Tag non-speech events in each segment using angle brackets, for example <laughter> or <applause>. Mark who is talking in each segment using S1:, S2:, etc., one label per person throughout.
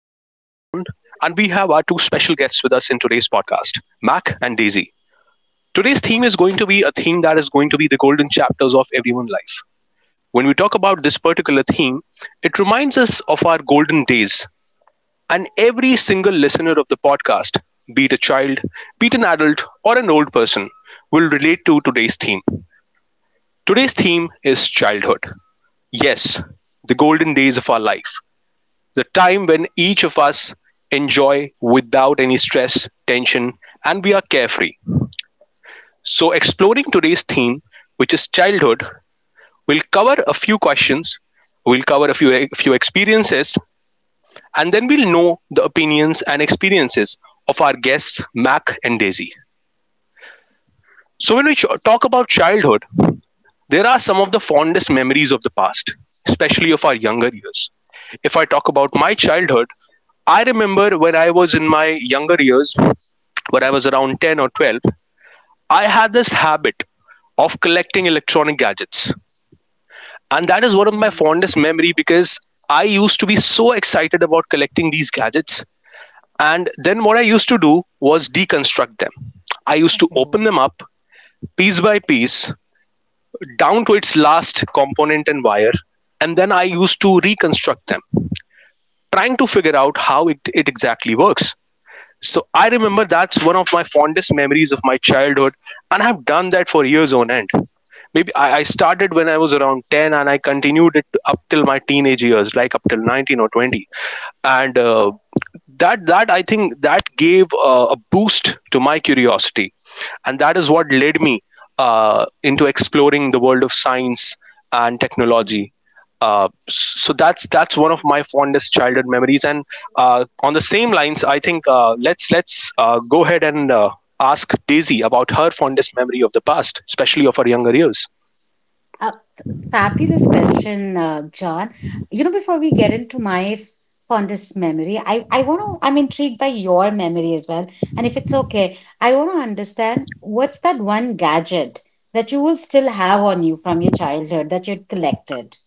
S1: have our two special guests with us in today's podcast, Mac and Daisy. Today's theme is going to be a theme that is going to be the golden chapters of everyone's life. When we talk about this particular theme, it reminds us of our golden days. And every single listener of the podcast, be it a child, be it an adult, or an old person, will relate to today's theme. Today's theme is childhood. Yes, the golden days of our life, the time when each of us enjoy without any stress, tension, and we are carefree. So, exploring today's theme, which is childhood, we'll cover a few questions, we'll cover a few experiences, and then we'll know the opinions and experiences of our guests, Mac and Daisy. So, when we talk about childhood, there are some of the fondest memories of the past, especially of our younger years. If I talk about my childhood, I remember when I was in my younger years, when I was around 10 or 12, I had this habit of collecting electronic gadgets. And that is one of my
S2: Oh,
S1: fondest memory because I used to be so excited about collecting these gadgets. And then what I used to do was deconstruct them. I used to
S2: completely.
S1: open
S2: Oh,
S1: them
S2: <laughs>
S1: up piece by piece down to its last component and wire. And then I used to reconstruct them, trying to figure out how it exactly works. So I remember that's one of my fondest memories of my childhood. And I've done that for years on end. Maybe I started when I was around 10 and I continued it up till my teenage years, like up till 19 or 20. And that, that I think that gave a boost to my curiosity. And that is what led me into exploring the world of science and
S2: Mhm.
S1: technology. So that's one of my fondest childhood memories. And on the same lines, I think let's go ahead and ask Daisy about her fondest memory of the past, especially of her younger years.
S2: Uh, Fabulous question, John. You know, before we get into my fondest memory, I want to, I'm intrigued by your memory as well. And if it's okay, I want to understand what's that one gadget that you will still have on you from your childhood that you'd collected?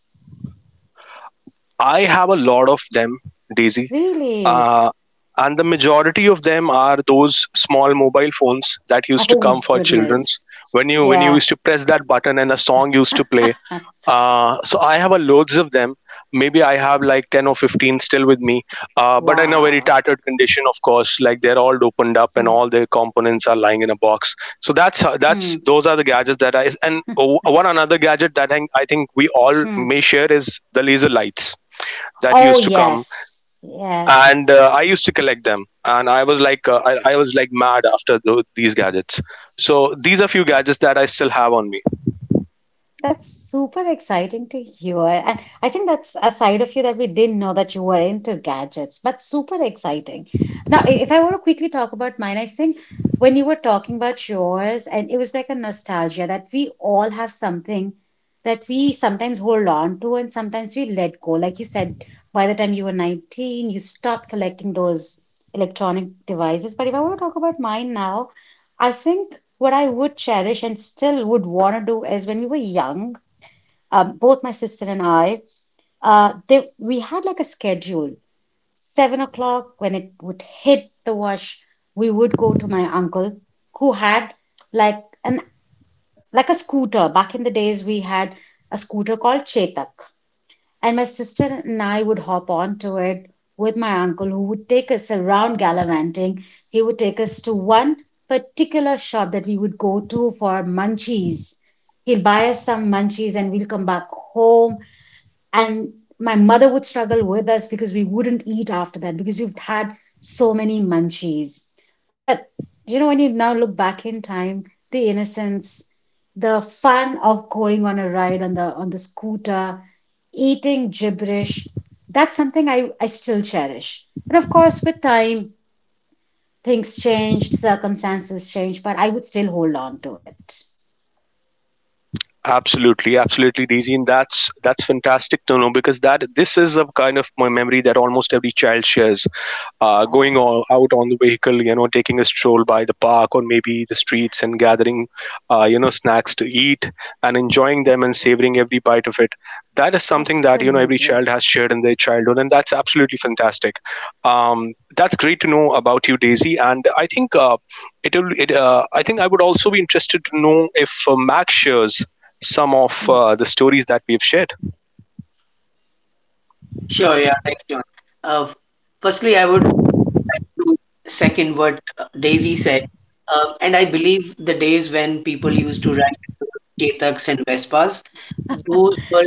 S1: I have a lot of them, Daisy.
S2: Really?
S1: Uh, and the majority of them are those small mobile phones that used to
S2: Oh,
S1: come for children's
S2: goodness.
S1: when you
S2: Yeah.
S1: used to press that button and a song used to play, so I have a loads of them. Maybe I have like 10 or 15 still with me, but in a very
S2: Wow.
S1: tattered condition, of course, like they're all opened up and
S2: Hmm.
S1: all their components are lying in a box. So that's
S2: Hmm.
S1: those are the gadgets that I, and one another gadget that I think we all
S2: Hmm.
S1: may share is the laser lights that
S2: Oh,
S1: used to come,
S2: yes. Yes.
S1: and I used to collect them. And I was like, I was like mad after these gadgets. So these are few gadgets that I still have on me.
S2: That's super exciting to hear. And I think that's a side of you that we didn't know that you were into gadgets, but super exciting. Now, if I want to quickly talk about mine, I think when you were talking about yours, and it was like a nostalgia that we all have something that we sometimes hold on to and sometimes we let go. Like you said, by the time you were 19, you stopped collecting those electronic devices. But if I want to talk about mine now, I think what I would cherish and still would want to do is when we were young, both my sister and I, we had like a schedule. 7 o'clock, when it would hit the wash, we would go to my uncle who had like an like a scooter. Back in the days, we had a scooter called Chetak. And my sister and I would hop onto it with my uncle, who would take us around gallivanting. He would take us to one particular shop that we would go to for munchies. He'll buy us some munchies and we'll come back home and my mother would struggle with us because we wouldn't eat after that because you've had so many munchies. But you know, when you now look back in time, the innocence, the fun of going on a ride on the scooter, eating gibberish, that's something I still cherish. And of course, with time, things changed, circumstances changed, but I would still hold on to it.
S1: Absolutely, absolutely, Daisy. And that's fantastic to know because that this is a kind of my memory that almost every child shares. Going on, out on the vehicle, you know, taking a stroll by the park or maybe the streets and gathering you know, snacks to eat and enjoying them and savoring every bite of it. That is something that, you know, every
S2: Absolutely.
S1: child has shared in their childhood. And that's absolutely fantastic. That's great to know about you, Daisy. And I think I think I would also be interested to know if Max shares some of
S2: Hmm.
S1: the stories that we've shared.
S3: Sure, yeah, thanks, John. Uh, firstly, I would do second what Daisy said. And I believe the days when people used to ride Chetaks and Vespas, those were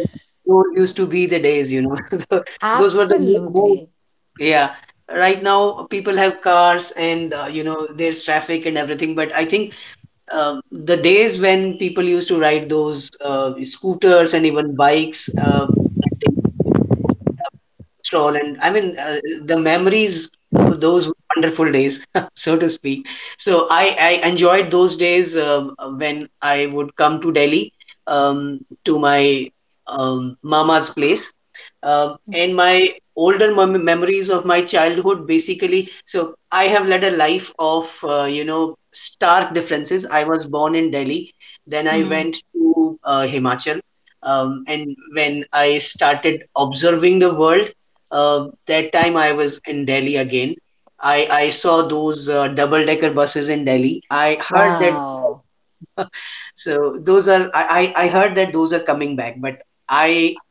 S3: those used to be the days. <laughs> Tho- those were the more,
S2: Absolutely.
S3: yeah. Right now, people have cars and there's traffic and everything, but I think the days when people used to ride those scooters and even bikes. Stroll and the memories of those wonderful days <laughs> so to speak. so i I enjoyed those days when I would come to Delhi, um, to my um, mama's place, uh, and my older memories of my childhood basically. So I have led a life of stark differences. I was born in Delhi, then I
S2: Hmm.
S3: went to Himachal, and when I started observing the world, that time I was in Delhi again. I saw those double decker buses in Delhi. I heard that,
S2: Wow.
S3: so those are, I heard that those are coming back, but I,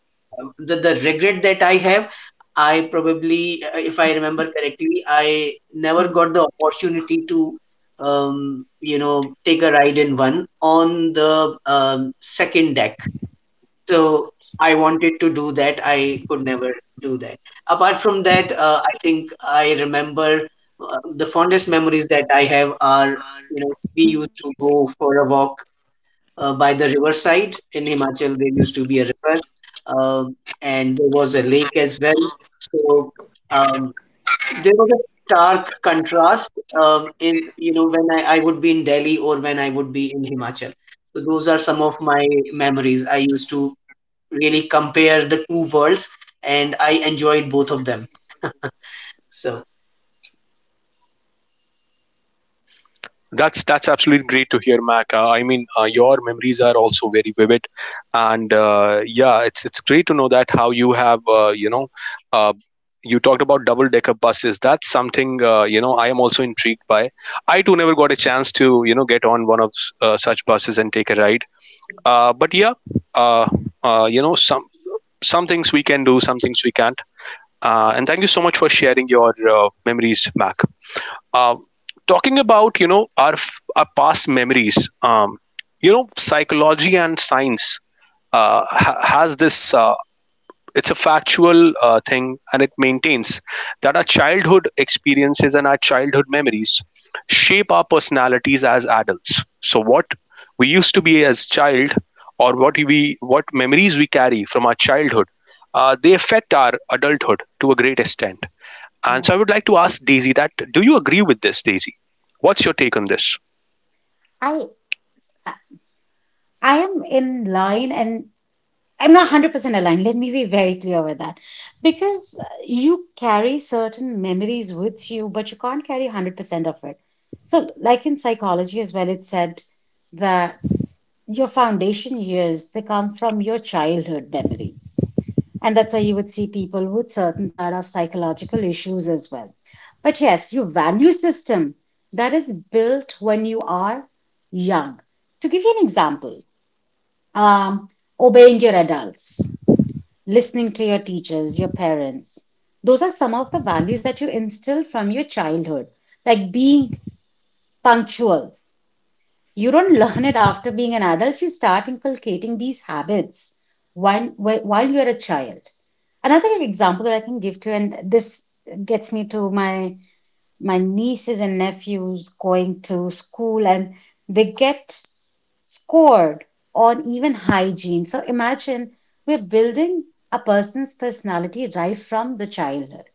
S3: the regret that I have, I probably, if I remember correctly, I never
S2: Hmm.
S3: got the opportunity to take a ride in one on the second deck. So I wanted to do that. I could never do that. Apart from that, I think I remember the fondest memories that I have are, you know, we used to go for a walk by the riverside in Himachal. There used to be a river, um, and there was a lake as well. So um, there was a stark contrast in, you know, when I would be in Delhi or when I would be in Himachal. So those are some of my memories. I used to really compare the two worlds, and I enjoyed both of them. <laughs> So,
S1: That's absolutely great to hear, Mac. I mean, your memories are also very vivid, and yeah, it's great to know that how you have, you know. Uh, you talked about double decker buses. That's something, you know, I am also intrigued by. I too never got a chance to, you know, get on one of such buses and take a ride, but yeah uh, you know, some things we can do, some things we can't, and thank you so much for sharing your memories, Mac. Um, talking about, you know, our our past memories, you know, psychology and science has this. It's a factual thing, and it maintains that our childhood experiences and our childhood memories shape our personalities as adults. So what we used to be as child, or what we what memories we carry from our childhood, they affect our adulthood to a great extent, and
S4: Yeah.
S1: so I would like to ask Daisy that do you agree with this, Daisy? What's your take on this?
S4: I I I am in line and I'm not 100% aligned. Let me be very clear with that. Because you carry certain memories with you, but you can't carry 100% of it. So, like in psychology as well, it said that your foundation years, they come from your childhood memories, and that's why you would see people with certain sort of psychological issues as well. But yes, your value system, that is built when you are young. To give you an example, um, obeying your adults, listening to your teachers, your parents, those are some of the values that you instill from your childhood, like being punctual. You don't learn it after being an adult. You start inculcating these habits while, while you're a child. Another example that I can give to, and this gets me to my nieces and nephews going to school, and they get scored on even hygiene. So imagine we're building a person's personality right from the childhood.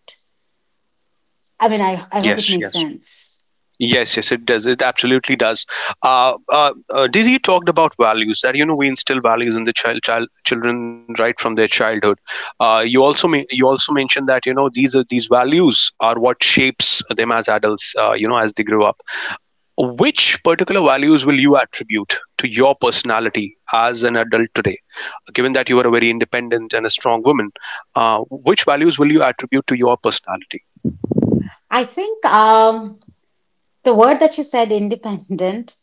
S4: I mean, I hope it
S1: Yes,
S4: makes
S1: yes.
S4: sense.
S1: Yes, yes, it does. It absolutely does. Daisy, you talked about values that, you know, we instill values in the children right from their childhood. You also you also mentioned that, you know, these are these values are what shapes them as adults. You know, as they grow up. Which particular values will you attribute to your personality as an adult today? Given that you are a very independent and a strong woman, which values will you attribute to your personality?
S4: I think, the word that you said, independent,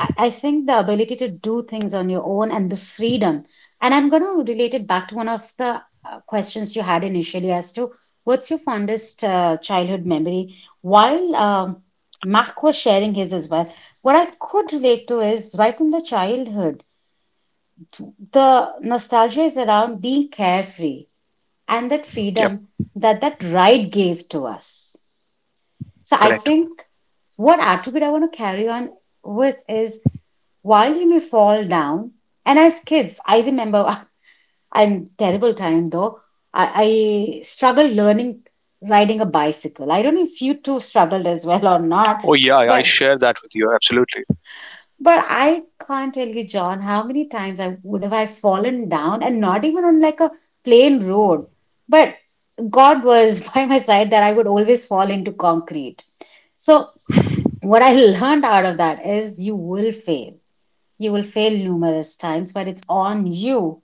S4: I think the ability to do things on your own and the freedom. And I'm going to relate it back to one of the questions you had initially as to what's your fondest childhood memory? While Mark was sharing his as well, what I could relate to is right from the childhood, the nostalgia is around being carefree and that
S1: Yep,
S4: freedom that that ride gave to us. So I
S1: correct.
S4: think what attribute I want to carry on with is while he may fall down. And as kids, I remember <laughs> I'm terrible time though. I struggled learning riding a bicycle. I don't know if you two struggled as well or not,
S1: Oh, yeah, I
S4: but
S1: share that with you. Absolutely.
S4: but I can't tell you, John, how many times I would have I fallen down, and not even on like a plain road. But God was <laughs> by my side, that I would always fall into concrete. So what I learned out of that is, you will fail. You will fail numerous times, but it's on you.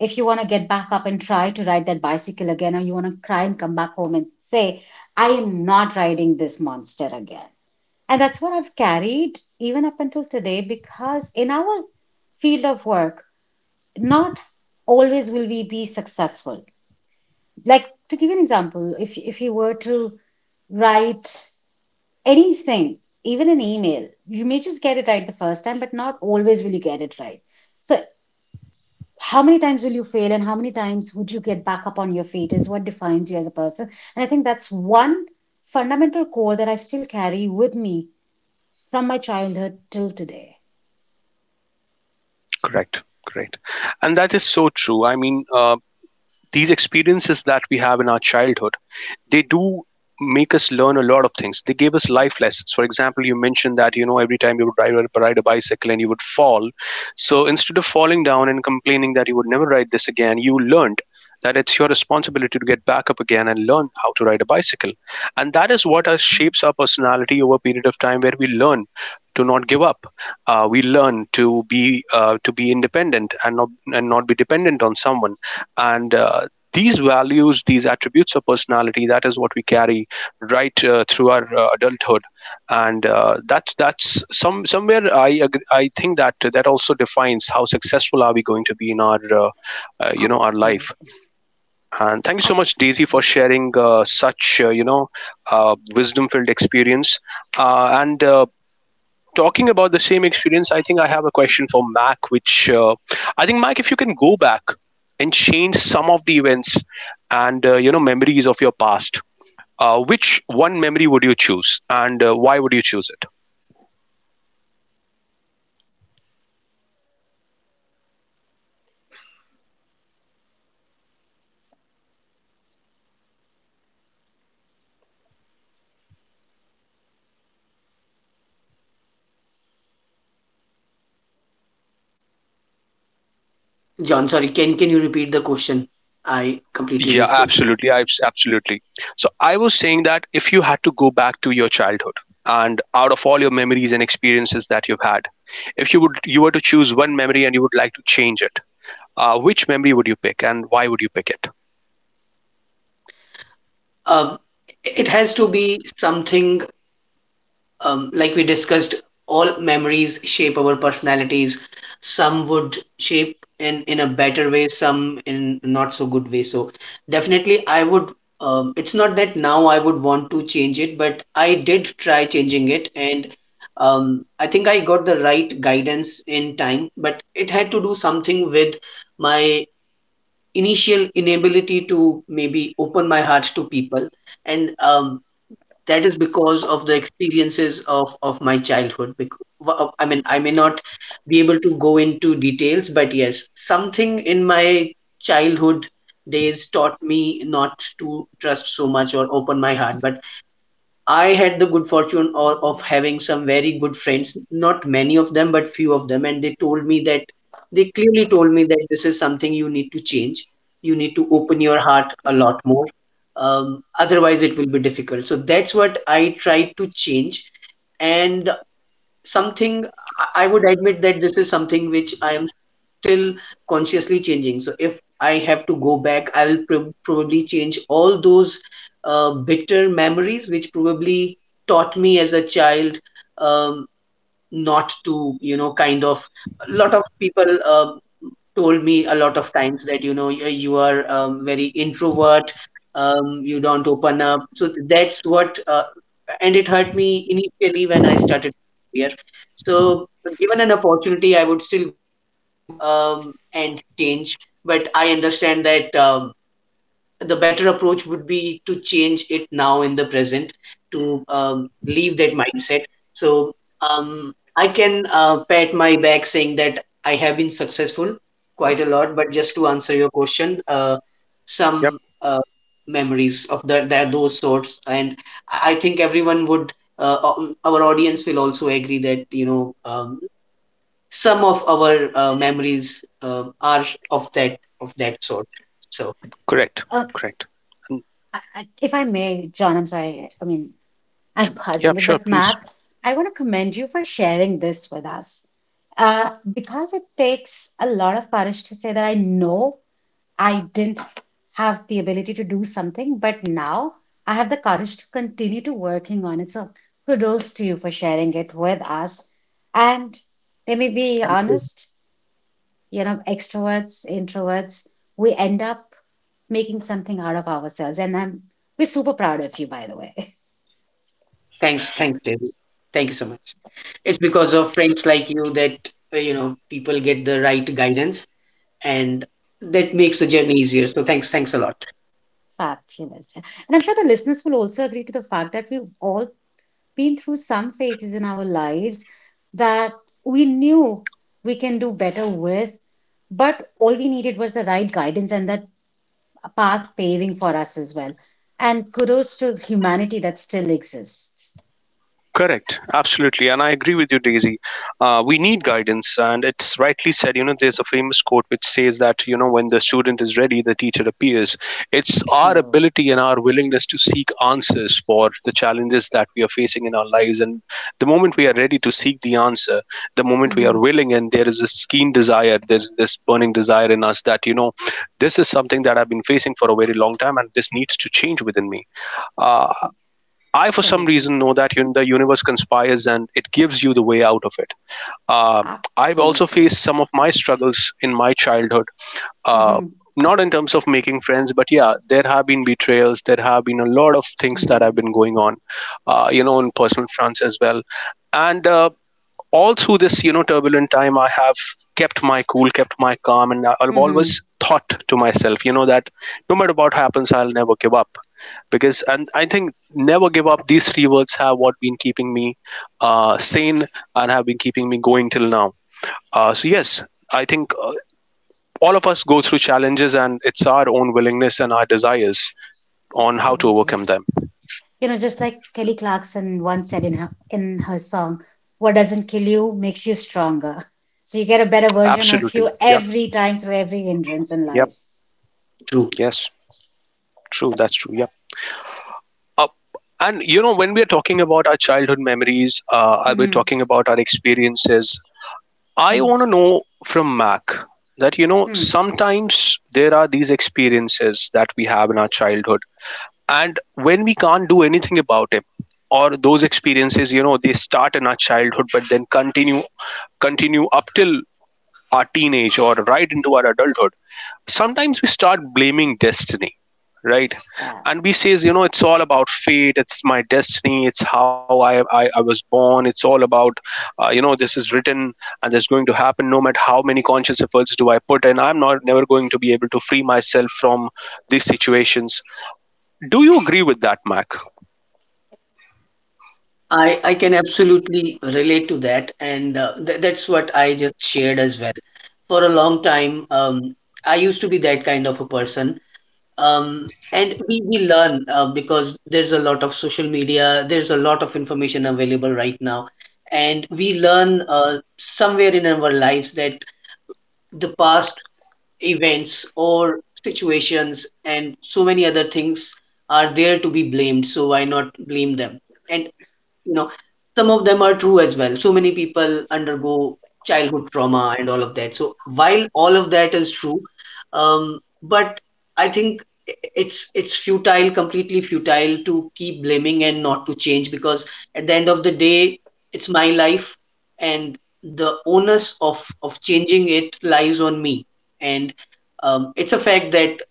S4: If you want to get back up and try to ride that bicycle again, or you want to cry and come back home and say, I am not riding this monster again. And that's what I've carried even up until today, because in our field of work, not always will we be successful. Like, to give you an example, if you were to write anything, even an email, you may just get it right the first time, but not always will you get it right. So how many times will you fail and how many times would you get back up on your feet is what defines you as a person. And I think that's one fundamental core that I still carry with me from my childhood till today.
S1: Correct. Correct. And that is so true. I mean, these experiences that we have in our childhood, they do make us learn a lot of things. They gave us
S4: Yeah,
S1: life lessons. For example, you mentioned that, you know, every time you would ride a bicycle and you would fall. So instead of falling down and complaining that you would never ride this again, you learned that it's your responsibility to get back up again and learn how to ride a bicycle. And that is what us
S4: yeah,
S1: shapes our personality over a period of time where we learn to not give up. We learn to be independent and not be dependent on someone. And these values, these attributes of personality, that is what we carry right through our adulthood, and that's some somewhere I agree. I think that that also defines how successful are we going to be in our, you know, our life.
S4: absolutely.
S1: And thank you so much, Daisy,
S4: Absolutely.
S1: for sharing such you know, wisdom filled experience. And Talking about the same experience, I think I have a question for Mac, which I think, Mac, if you can go back and change some of the events and you know memories of your past, which one memory would you choose, and why would you choose it?
S3: John, sorry, can you repeat the question? I completely
S1: Yeah,
S3: missed it.
S1: absolutely. I absolutely. So I was saying that if you had to go back to your childhood and out of all your memories and experiences that you've had, if you were to choose one memory and you would like to change it, which memory would you pick and why would you pick it?
S3: Uh, it has to be something like we discussed, all memories shape our personalities. Some would shape in a better way, some in not so good way. So definitely, I would. It's not that now I would want to change it, but I did try changing it, and I think I got the right guidance in time. But it had to do something with my initial inability to maybe open my heart to people, and that is because of the experiences of my childhood. Because I may not be able to go into details, but yes, something in my childhood days taught me not to trust so much or open my heart. But I had the good fortune or of having some very good friends, not many of them, but few of them, and they told me that, they clearly told me that this is something you need to change. You need to open your heart a lot more. Otherwise, it will be difficult. So that's what I tried to change, and something I would admit that this is something which I am still consciously changing. So if I have to go back, I will probably change all those bitter memories which probably taught me as a child, um, not to, you know, kind of, a lot of people told me a lot of times that, you know, you are very introvert, you don't open up. So that's what, and it hurt me initially when I started here. So given an opportunity, I would still go back and change, but I understand that the better approach would be to change it now in the present, to leave that mindset. So I can pat my back saying that I have been successful quite a lot. But just to answer your question,
S1: Yep,
S3: some memories of that those sorts. And I think everyone would, our audience will also agree that, you know, um, some of our memories uh, are of that of that sort. So
S1: correct,
S4: Uh,
S1: correct.
S4: if I may, John, I'm sorry. I mean, <laughs> I'm
S1: Yeah,
S4: pausing it,
S1: sure,
S4: but
S1: please.
S4: Mac, I want to commend you for sharing this with us. Because it takes a lot of courage to say that I know I didn't have the ability to do something, but now I have the courage to continue to working on it. So kudos to you for sharing it with us. And let me be honest, you know, extroverts, introverts, we end up making something out of ourselves. And I'm we're super proud of you, by the way. <laughs>
S3: thanks, thanks, David. Thank you so much. It's because of friends like you that, you know, people get the right guidance, and that makes the journey easier. So thanks, thanks a lot.
S4: Fabulous. And I'm sure the listeners will also agree to the fact that we all been through some phases in our lives that we knew we can do better with, but all we needed was the right guidance and that path paving for us as well. And kudos to humanity that still exists.
S1: Correct, absolutely, and I agree with you, Daisy. We need guidance, and it's rightly said. You know, there's a famous quote which says that, you know, when the student is ready, the teacher appears. It's our
S4: True.
S1: ability and our willingness to seek answers for the challenges that we are facing in our lives, and the moment we are ready to seek the answer, the moment we
S4: Hmm.
S1: are willing, and there is this keen desire, there's this burning desire in us that, you know, this is something that I've been facing for a very long time, and this needs to change within me. Uh, I, for some
S4: Absolutely.
S1: reason, know that you the universe conspires and it gives you the way out of it. Uh, I've also
S4: Absolutely.
S1: faced some of my struggles in my childhood, uh,
S4: Hmm.
S1: not in terms of making friends, but yeah, there have been betrayals. There have been a lot of things that
S4: Hmm.
S1: have been going on, you know, in personal fronts as well. And all through this, turbulent time, I have kept my cool, kept my calm, and I've always thought to myself, that no matter what happens, I'll never give up because and I think "never give up," these three words have what been keeping me sane and have been keeping me going till now. So yes, I think all of us go through challenges, and it's our own willingness and our desires on how to
S4: Absolutely.
S1: overcome them.
S4: You know, just like Kelly Clarkson once said in her song, "What doesn't kill you makes you stronger." So you get a better version of you
S1: Absolutely. Yep.
S4: every time through every hindrance in life.
S3: True.
S1: Yep. Yes, true. That's true. Yep. uh, and when we are talking about our childhood memories,
S4: Hmm.
S1: I'll be
S4: Hmm.
S1: talking about our experiences. I
S4: Hmm.
S1: want to know from Mac that,
S4: Hmm.
S1: sometimes there are these experiences that we have in our childhood. And when we can't do anything about it, or those experiences, they start in our childhood, but then continue up till our teenage or right into our adulthood. Sometimes we start blaming destiny, right?
S4: Yeah.
S1: And we says, it's all about fate, it's my destiny, it's how I was born, it's all about, this is written, and this is going to happen no matter how many conscious efforts do I put in. I'm not never going to be able to free myself from these situations. Do you agree with that, Mac?
S3: I can absolutely relate to that, and that's what I just shared as well. For a long time, I used to be that kind of a person. We learn because there's a lot of social media, there's a lot of information available right now. And we learn somewhere in our lives that the past events or situations and so many other things are there to be blamed. So why not blame them? And you know, some of them are true as well. So many people undergo childhood trauma and all of that. So while all of that is true, um, but I think it's futile, completely futile, to keep blaming and not to change. Because at the end of the day, it's my life, and the onus of changing it lies on me. And it's a fact that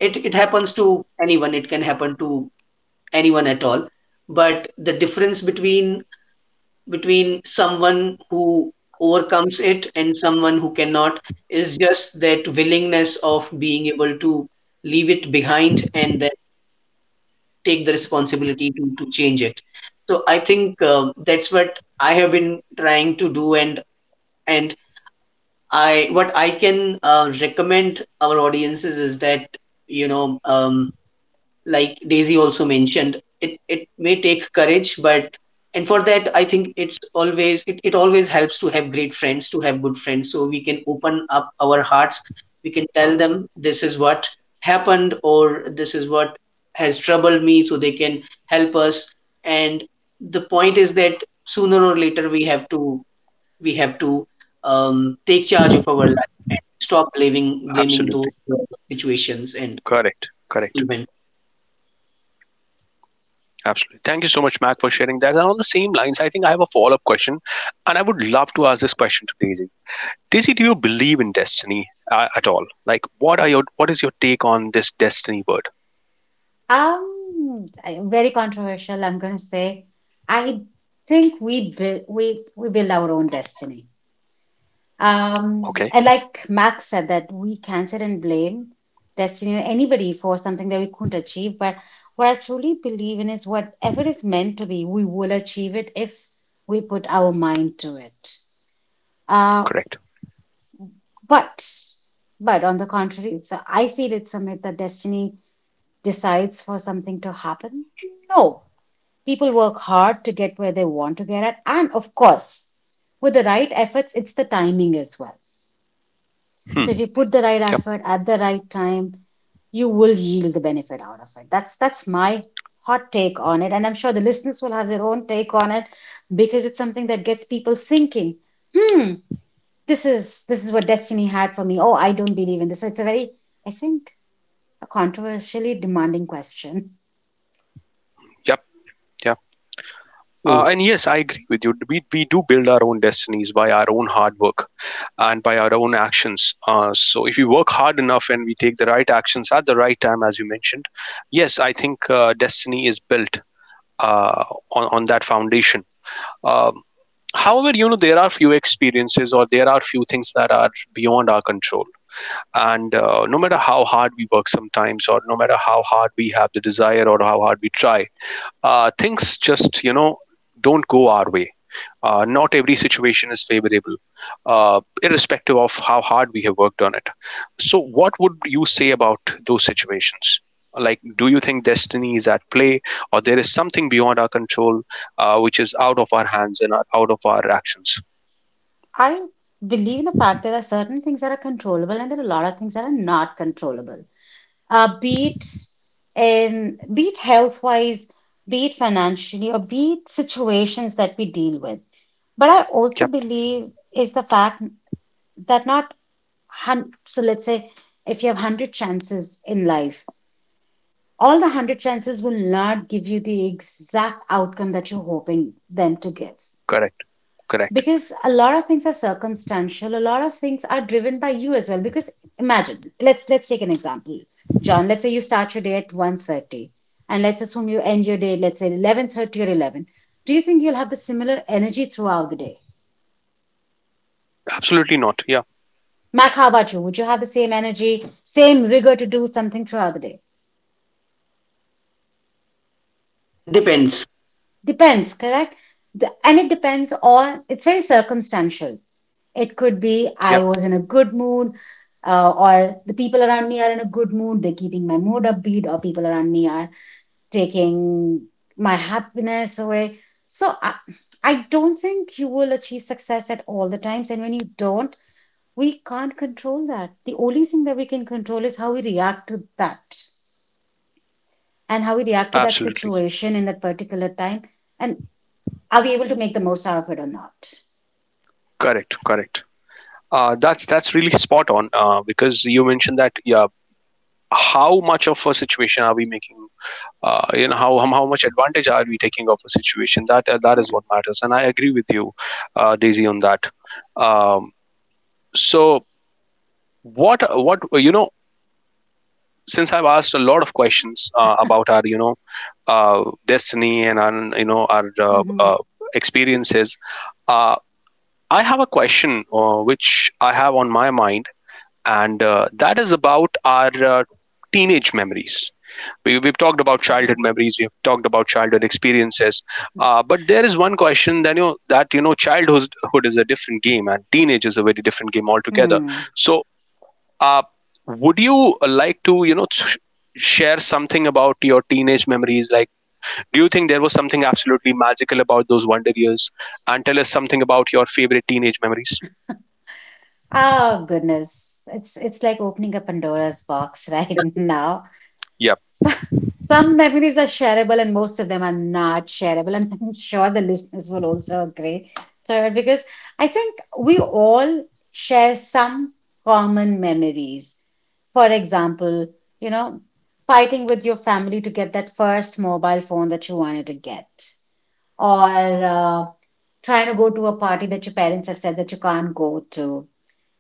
S3: it happens to anyone. It can happen to anyone at all. But the difference between someone who overcomes it and someone who cannot is just that willingness of being able to leave it behind and then take the responsibility to change it. So I think that's what I have been trying to do. And I what I can recommend our audiences is that, you know, like Daisy also mentioned, it may take courage, but, and for that, I think it's always, it always helps to have great friends, to have good friends, so we can open up our hearts. We can tell them this is what happened or this is what has troubled me, so they can help us. And the point is that sooner or later, we have to take charge of our life and stop blaming those
S1: Absolutely.
S3: situations and
S1: Correct, correct.
S3: events.
S1: Absolutely, thank you so much, Mac, for sharing that. And on the same lines, I think I have a follow-up question, and I would love to ask this question to Daisy. Daisy, do you believe in destiny, at all? Like, what is your take on this destiny word?
S4: Very controversial, I'm gonna say. I think we build our own destiny. Um,
S1: Okay,
S4: and like Max said, that we can't sit and blame destiny or anybody for something that we couldn't achieve. But what I truly believe in is, whatever is meant to be, we will achieve it if we put our mind to it. Uh,
S1: correct.
S4: but, but on the contrary, I feel it's a myth that destiny decides for something to happen. No, people work hard to get where they want to get at, and of course, with the right efforts, it's the timing as well.
S1: Hmm.
S4: So if you put the right
S1: Yep.
S4: effort at the right time, you will yield the benefit out of it. That's my hot take on it, and I'm sure the listeners will have their own take on it because it's something that gets people thinking. Hmm, this is what destiny had for me. Oh, I don't believe in this. So it's a very, I think, a controversially demanding question.
S1: Yep. Yep.
S3: So
S1: And yes, I agree with you. We do build our own destinies by our own hard work and by our own actions. So, if we work hard enough and we take the right actions at the right time, as you mentioned, yes, I think destiny is built uh, on that foundation. Um, However, there are few experiences or there are few things that are beyond our control, and no matter how hard we work sometimes or no matter how hard we have the desire or how hard we try, things just, don't go our way. Not every situation is favorable, irrespective of how hard we have worked on it. So what would you say about those situations? Like, do you think destiny is at play, or there is something beyond our control, which is out of our hands and out of our actions?
S4: I believe in the fact that there are certain things that are controllable and there are a lot of things that are not controllable. Be it in, be it health wise, be it financially, or be it situations that we deal with. But I also
S1: Yep.
S4: believe is the fact that not so let's say, if you have 100 chances in life, all the 100 chances will not give you the exact outcome that you're hoping them to give.
S1: Correct, correct.
S4: Because a lot of things are circumstantial, a lot of things are driven by you as well. Because imagine, let's take an example. John, let's say you start your day at 1:30, and let's assume you end your day, let's say 11:30 or 11. Do you think you'll have the similar energy throughout the day?
S1: Absolutely not, yeah.
S4: Mac, how about you? Would you have the same energy, same rigor to do something throughout the day?
S3: depends.
S4: Depends, correct? And it depends on, it's very circumstantial. It could be I
S1: Yep.
S4: was in a good mood, or the people around me are in a good mood, they're keeping my mood upbeat, or people around me are taking my happiness away. So I don't think you will achieve success at all the times. And when you don't, we can't control that. The only thing that we can control is how we react to that, and how we react to that
S1: Absolutely.
S4: situation in that particular time. And are we able to make the most out of it or not?
S1: Correct, correct. That's really spot on, because you mentioned that, yeah, how much of a situation are we making? You know, how much advantage are we taking of a situation? That
S4: Yeah.
S1: is what matters, and I agree with you, Daisy, on that. Um, so, what? Since I've asked a lot of questions, about our, destiny, and our you know our
S4: Hmm.
S1: experiences, uh, I have a question which I have on my mind, and that is about our teenage memories. We've talked about childhood
S4: Uh-huh.
S1: memories. We've talked about childhood experiences. But there is one question that, childhood is a different game, and teenage is a very different game altogether.
S4: Hmm.
S1: So, uh, would you like to share something about your teenage memories? Like, do you think there was something absolutely magical about those wonder years? And tell us something about your favorite teenage memories.
S4: Oh goodness, it's like opening a Pandora's box right <laughs> now.
S1: Yep.
S4: So, some memories are shareable, and most of them are not shareable. And I'm sure the listeners will also agree to it, because I think we all share some common memories. For example, fighting with your family to get that first mobile phone that you wanted to get, or trying to go to a party that your parents have said that you can't go to,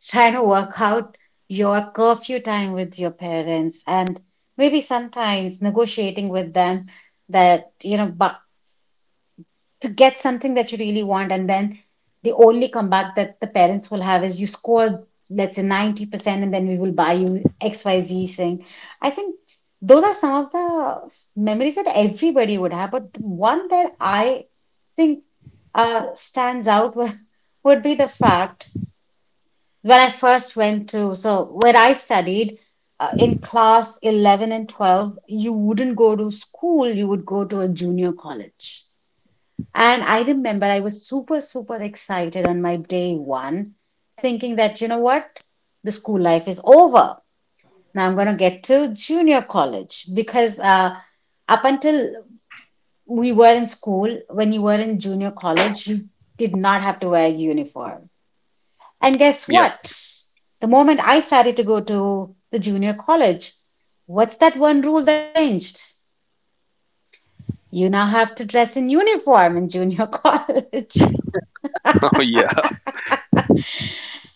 S4: trying to work out your curfew time with your parents, and maybe sometimes negotiating with them that, you know, bu to get something that you really want, and then the only comeback that the parents will have is, you score, let's say, 90% and then we will buy you xyz thing. I think those are some of the memories that everybody would have, but the one that I think stands out <laughs> would be the fact, when I first went to, so, where I studied, in class 11 and 12, you wouldn't go to school, you would go to a junior college. And I remember I was super, super excited on my day one, thinking that, you know what, the school life is over. Now I'm going to get to junior college, because up until we were in school, when you were in junior college, you did not have to wear a uniform.
S1: Yep.
S4: And guess what? The moment I started to go to the junior college, what's that one rule that changed? You now have to dress in uniform in junior <laughs>
S1: <laughs>
S4: college.
S1: Oh yeah.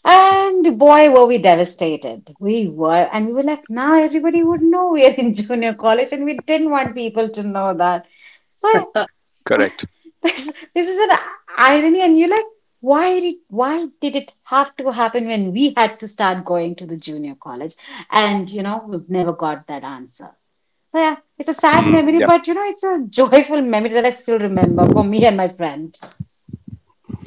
S4: And boy, were we devastated. We were, and we were like, now everybody would know we are in <laughs> junior college, and we didn't want people to know that. So
S1: Correct.
S3: <laughs>
S4: <laughs> this, this is an irony, and you're like, why did it have to happen when we had to start going to the junior college? And we've never got that answer. So yeah, it's a
S1: Hmm.
S4: sad memory, but it's a joyful memory that I still remember for me and my friend.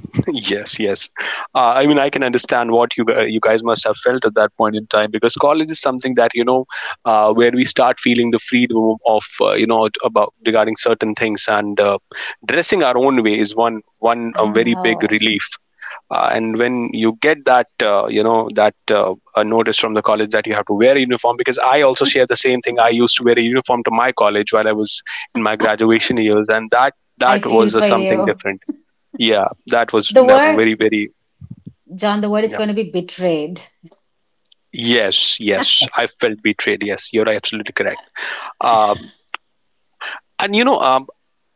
S1: Yes, yes. I mean, I can understand what you guys must have felt at that point in time, because college is something that, where we start feeling the freedom of, about regarding certain things, and dressing our own way is one
S4: I
S1: a very big
S4: know.
S1: relief. And when you get that, a notice from the college that you have to wear a uniform, because I also share the same thing. I used to wear a uniform to my college while I was in my graduation years, and that
S4: I
S1: that
S4: feel
S1: was
S4: for
S1: something
S4: you.
S1: different. Yeah,
S4: The
S1: that was
S4: word,
S1: very, very...
S4: John, the word is
S1: Yeah.
S4: going to be betrayed.
S1: Yes, yes, I felt betrayed. Yes, you're absolutely correct. Um, and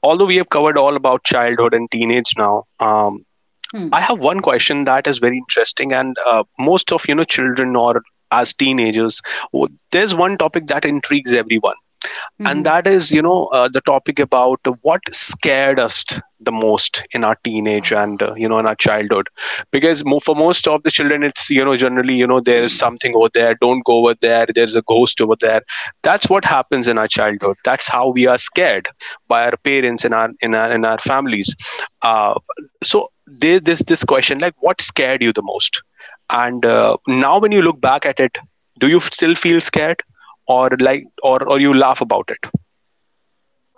S1: although we have covered all about childhood and teenage now,
S4: Hmm.
S1: I have one question that is very interesting. And most of children or as teenagers, there's one topic that intrigues everyone. And
S4: Hmm.
S1: that is, the topic about what scared us the most in our teenage and,
S4: Oh,
S1: in our childhood. Because for most of the children, it's, generally, there is something over there, don't go over there, there's a ghost over there. That's what happens in our childhood, that's how we are scared by our parents and our in our in our families. uh, so there, this question, like, what scared you the most? And now when you look back at it, do you still feel scared, or like or you laugh about it?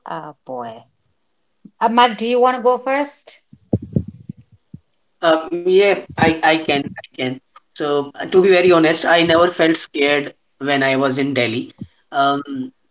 S4: oh, boy. Mark, do you want to go first?
S3: I can, I can. So, to be very honest, I never felt scared when I was in Delhi, um,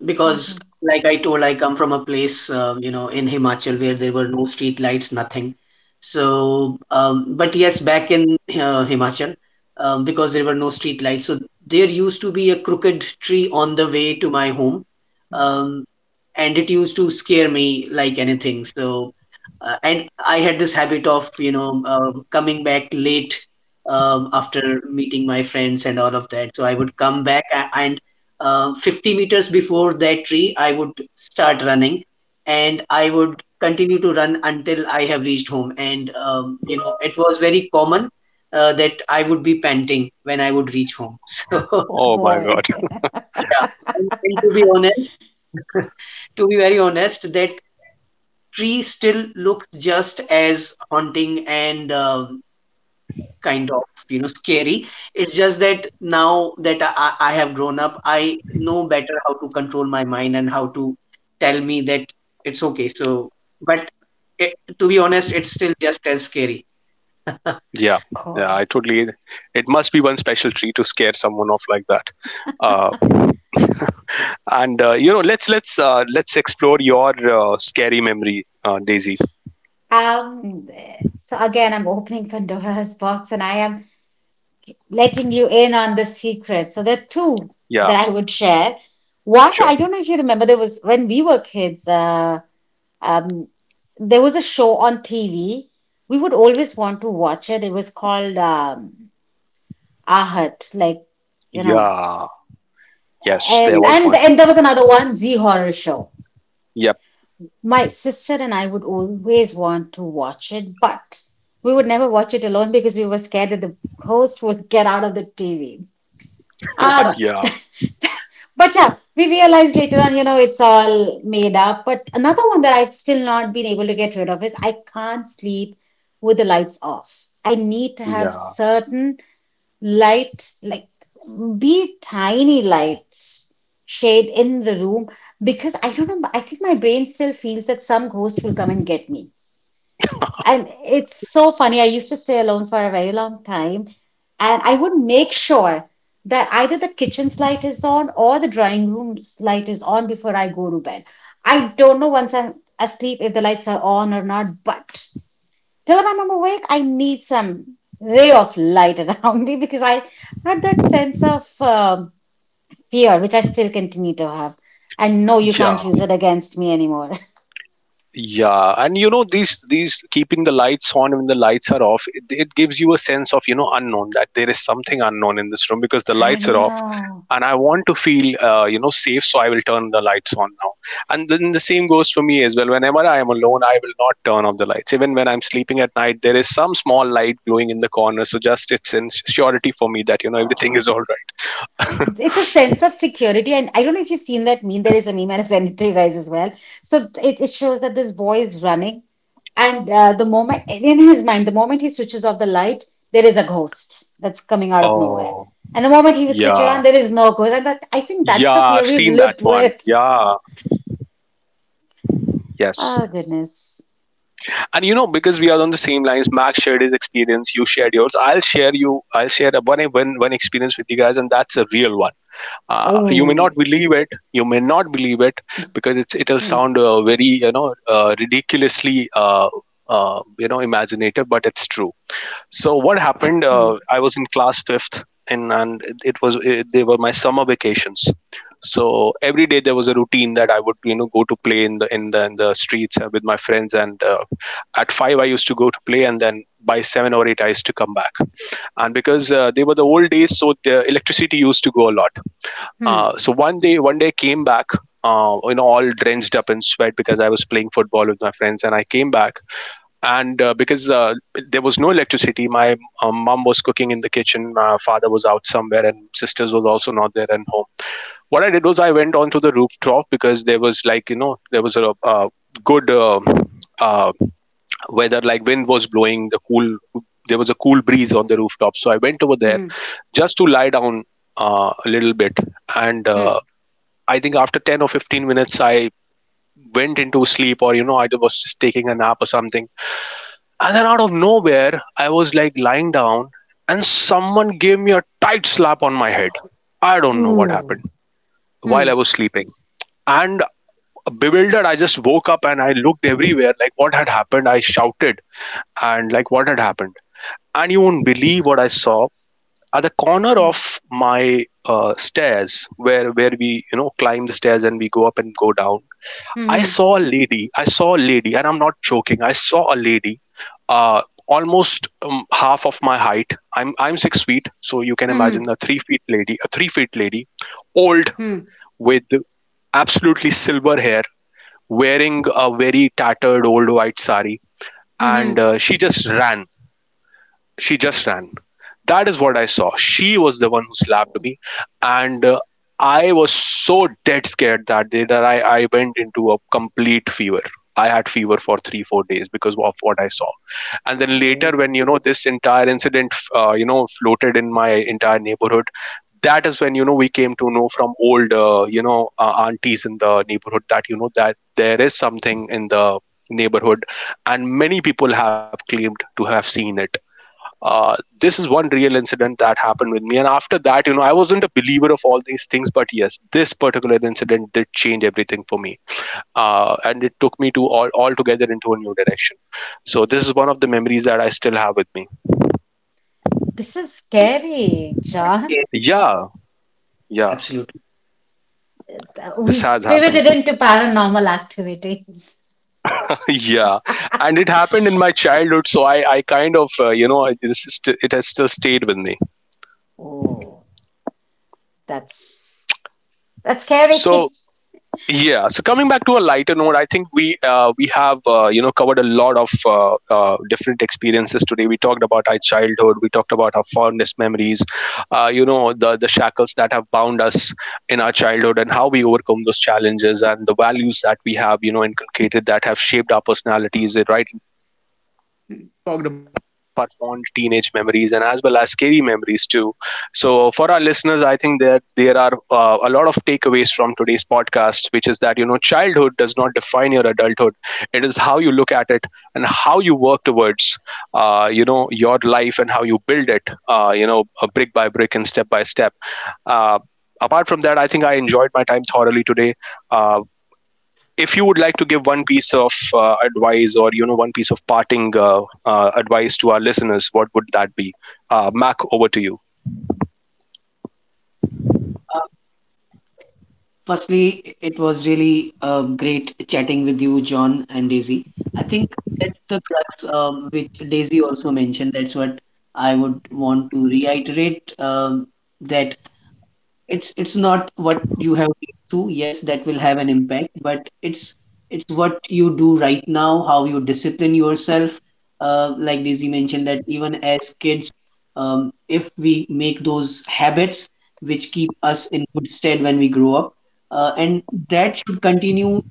S3: because,
S4: <laughs>
S3: like I told, I come from a place, you know, in Himachal where there were no street lights, nothing. So, but yes, back in Himachal, because there were no street lights, so there used to be a crooked tree on the way to my home,
S4: Wow.
S3: um, and it used to scare me like anything. So and I had this habit of, you know, coming back late, after meeting my friends and all of that. So I would come back and 50 meters before that tree, I would start running, and I would continue to run until I have reached home. And you know, it was very common that I would be panting when I would reach home. <laughs> So
S4: Oh,
S1: Oh my god.
S4: boy.
S1: <laughs>
S3: yeah,
S4: <laughs>
S3: and to be honest, to be very honest, that tree still looked just as haunting and kind of, you know, scary. It's just that now that I have grown up, I know better how to control my mind and how to tell me that it's okay. So but to be honest, it's still just as scary. <laughs>
S1: Yeah. Yeah, I
S4: God.
S1: totally it must be one special tree to scare someone off like that. Uh and let's let's explore your scary memory, Daisy.
S4: Um, so again, I'm opening Pandora's box, and I am letting you in on the secret. So there are two
S1: Yeah,
S4: that I would share. One, I
S1: sure.
S4: don't know if you remember, there was when we were kids, Um, there was a show on TV. We would always want to watch it. It was called Ahat, like, you know,
S1: Yeah. Yes,
S4: and,
S1: there
S3: Yeah,
S1: was
S4: and
S1: one.
S4: and there was another one, Z Horror Show.
S1: Yep.
S4: My sister and I would always want to watch it, but we would never watch it alone because we were scared that the ghost would get out of the TV.
S1: <laughs>
S4: Ah, <laughs>
S1: Yeah.
S4: but yeah, we realized later on, it's all made up. But another one that I've still not been able to get rid of is, I can't sleep with the lights off. I need to have
S1: Yeah.
S4: certain light, like, be tiny light shade in the room, because I don't know, I think my brain still feels that some ghost will come and get me. And it's so funny. I used to stay alone for a very long time, and I would make sure that either the kitchen's light is on or the drawing room's light is on before I go to bed. I don't know once I'm asleep if the lights are on or not, but till the time I'm awake, I need some ray of light <laughs> around me, because I had that sense of fear, which I still continue to have. And no, you
S1: Yeah.
S4: can't use it against me anymore.
S1: Yeah, and these keeping the lights on when the lights are off, it gives you a sense of, unknown, that there is something unknown in this room because
S4: <laughs>
S1: the
S4: I
S1: lights are off,
S4: know.
S1: and I want to feel, safe, so I will turn the lights on now. And then the same goes for me as well. Whenever I am alone, I will not turn off the lights. Even when I'm sleeping at night, there is some small light glowing in the corner, so just it's in surety for me that, everything
S4: Oh.
S1: is all right.
S4: It's a sense of security, and I don't know if you've seen that meme. There is a meme, and I've sent it to you guys as well. So it shows that this boy is running, and the moment, in his mind, the moment he switches off the light, there is a ghost that's coming
S1: <laughs>
S4: out of nowhere,
S1: Oh
S4: and the moment he will switch it on,
S1: yeah,
S4: there is no ghost. And that, I think, that's the
S1: yeah,
S4: fear
S1: I've
S4: we've
S1: seen that
S4: lived
S1: one.
S4: with.
S1: Yeah, yes.
S4: Oh goodness.
S1: And because we are on the same lines, Max shared his experience, you shared yours. I'll share a one experience with you guys, and that's a real one. You may
S4: Oh.
S1: not believe it, you may not believe it, because it'll
S4: Hmm.
S1: sound, very, ridiculously, imaginative, but it's true. So what happened,
S4: Hmm.
S1: I was in class fifth, and they were my summer vacations. So every day there was a routine that I would, go to play in the, in the streets, with my friends, and at five I used to go to play, and then by seven or eight I used to come back. And because, they were the old days, so the electricity used to go a lot.
S4: Hmm.
S1: So one day, I came back, all drenched up in sweat, because I was playing football with my friends and I came back. And because, there was no electricity, my mom was cooking in the kitchen, my father was out somewhere, and sisters was also not there at home. What I did was, I went onto the rooftop, because there was, like, there was a, good, uh, weather, like wind was blowing, the cool... there was a cool breeze on the rooftop, so I went over there
S4: Hmm.
S1: just to lie down a little bit. And
S4: Hmm.
S1: I think after 10 or 15 minutes, I went into sleep, or, I was just taking a nap or something. And then out of nowhere, I was, like, lying down, and someone gave me a tight slap on my head. I don't know what
S4: Ooh.
S1: happened while
S4: Hmm.
S1: I was sleeping. And bewildered, I just woke up and I looked everywhere like what had happened. I shouted, and like, what had happened. And you won't believe what I saw. At the corner
S4: Hmm.
S1: of my stairs, where we, climb the stairs and we go up and go down, I
S4: Hmm.
S1: saw a lady. I saw a lady, and I'm not joking. I saw a lady, uh, almost, half of my height. I'm 6 feet, so you can imagine
S4: Hmm.
S1: a 3 feet lady, a 3 feet lady, old,
S4: Hmm.
S1: with absolutely silver hair, wearing a very tattered old white sari,
S4: Hmm.
S1: and
S4: Hmm.
S1: she just ran, she just ran. That is what I saw. She was the one who slapped me. And I was so dead scared that day that I went into a complete fever. I had fever for 3-4 days because of what I saw. And then later, when, this entire incident, floated in my entire neighborhood, that is when, we came to know from old, aunties in the neighborhood, that, you know, that there is something in the neighborhood, and many people have claimed to have seen it. uh, this is one real incident that happened with me, and after that, I wasn't a believer of all these things, but yes, this particular incident did change everything for me. And it took me to all altogether into a new direction. So this is one of the memories that I still have with me.
S4: This is scary, John.
S3: yeah,
S1: Yeah. Yeah.
S3: absolutely.
S1: This
S4: We've
S1: has happened.
S4: pivoted into paranormal activities.
S1: <laughs> Yeah, and it happened in my childhood, so I kind of, it, this is st- it has still stayed with me.
S4: Oh, that's that's
S1: So
S4: scary.
S1: yeah, so coming back to a lighter note, I think we have, covered a lot of different experiences today. We talked about our childhood, we talked about our fondest memories, the shackles that have bound us in our childhood, and how we overcome those challenges, and the values that we have, inculcated, that have shaped our personalities, right? Talked about our fond teenage memories and as well as scary memories too. So, for our listeners, I think that there are, a lot of takeaways from today's podcast, which is that, childhood does not define your adulthood. It is how you look at it, and how you work towards, your life, and how you build it, brick by brick and step by step. Uh, Apart from that, I think I enjoyed my time thoroughly today. Uh, if you would like to give one piece of advice, or, one piece of parting advice to our listeners, what would that be? Mac, over to you.
S3: Uh, Firstly, it was really great chatting with you, John and Daisy. I think that's the crux, which Daisy also mentioned. That's what I would want to reiterate, that it's not what you have been through, yes, that will have an impact, but it's what you do right now, how you discipline yourself. Like Daisy mentioned that even as kids, if we make those habits which keep us in good stead when we grow up, and that should continue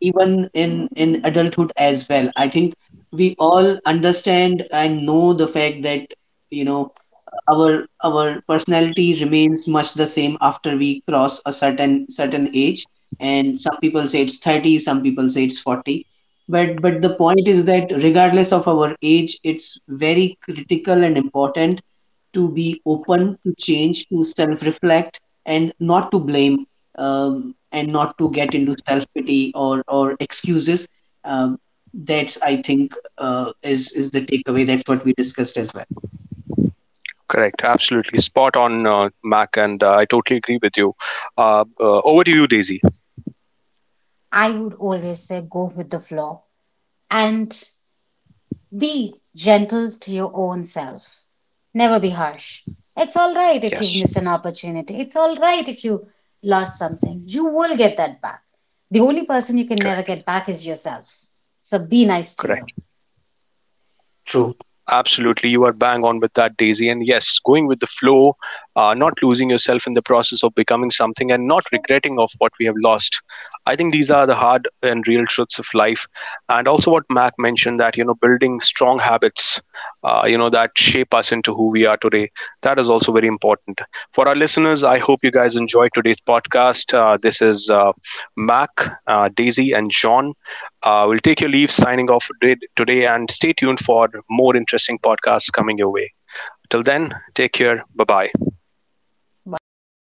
S3: even in adulthood as well. I think we all understand and know the fact that, you know, our our personality remains much the same after we cross a certain age. And some people say it's 30, some people say it's 40, but the point is that regardless of our age, it's very critical and important to be open to change, to self reflect, and not to blame, and not to get into self pity or excuses. Um, that's, I think, is the takeaway. That's what we discussed as well.
S1: Correct, absolutely spot on, Mac, and I totally agree with you. Over to you, Daisy.
S4: <laughs> I would always say, go with the flow and be gentle to your own self. Never be harsh. It's all right if
S1: Yes.
S4: you've missed an opportunity. It's all right if you lost something. You will get that back. The only person you can never
S1: Correct,
S4: get back is yourself. So be nice to you.
S1: correct.
S3: True.
S1: Absolutely, you are bang on with that, Daisy. And yes, going with the flow, not losing yourself in the process of becoming something, and not
S4: Sure.
S1: regretting of what we have lost. I think these are the hard and real truths of life. And also, what Mac mentioned, that, building strong habits, that shape us into who we are today. That is also very important for our listeners. I hope you guys enjoyed today's podcast. This is, Mac, Daisy, and John, we'll take your leave signing off today, and stay tuned for more interesting podcasts coming your way. Till then, take care. Bye bye.
S4: Bye.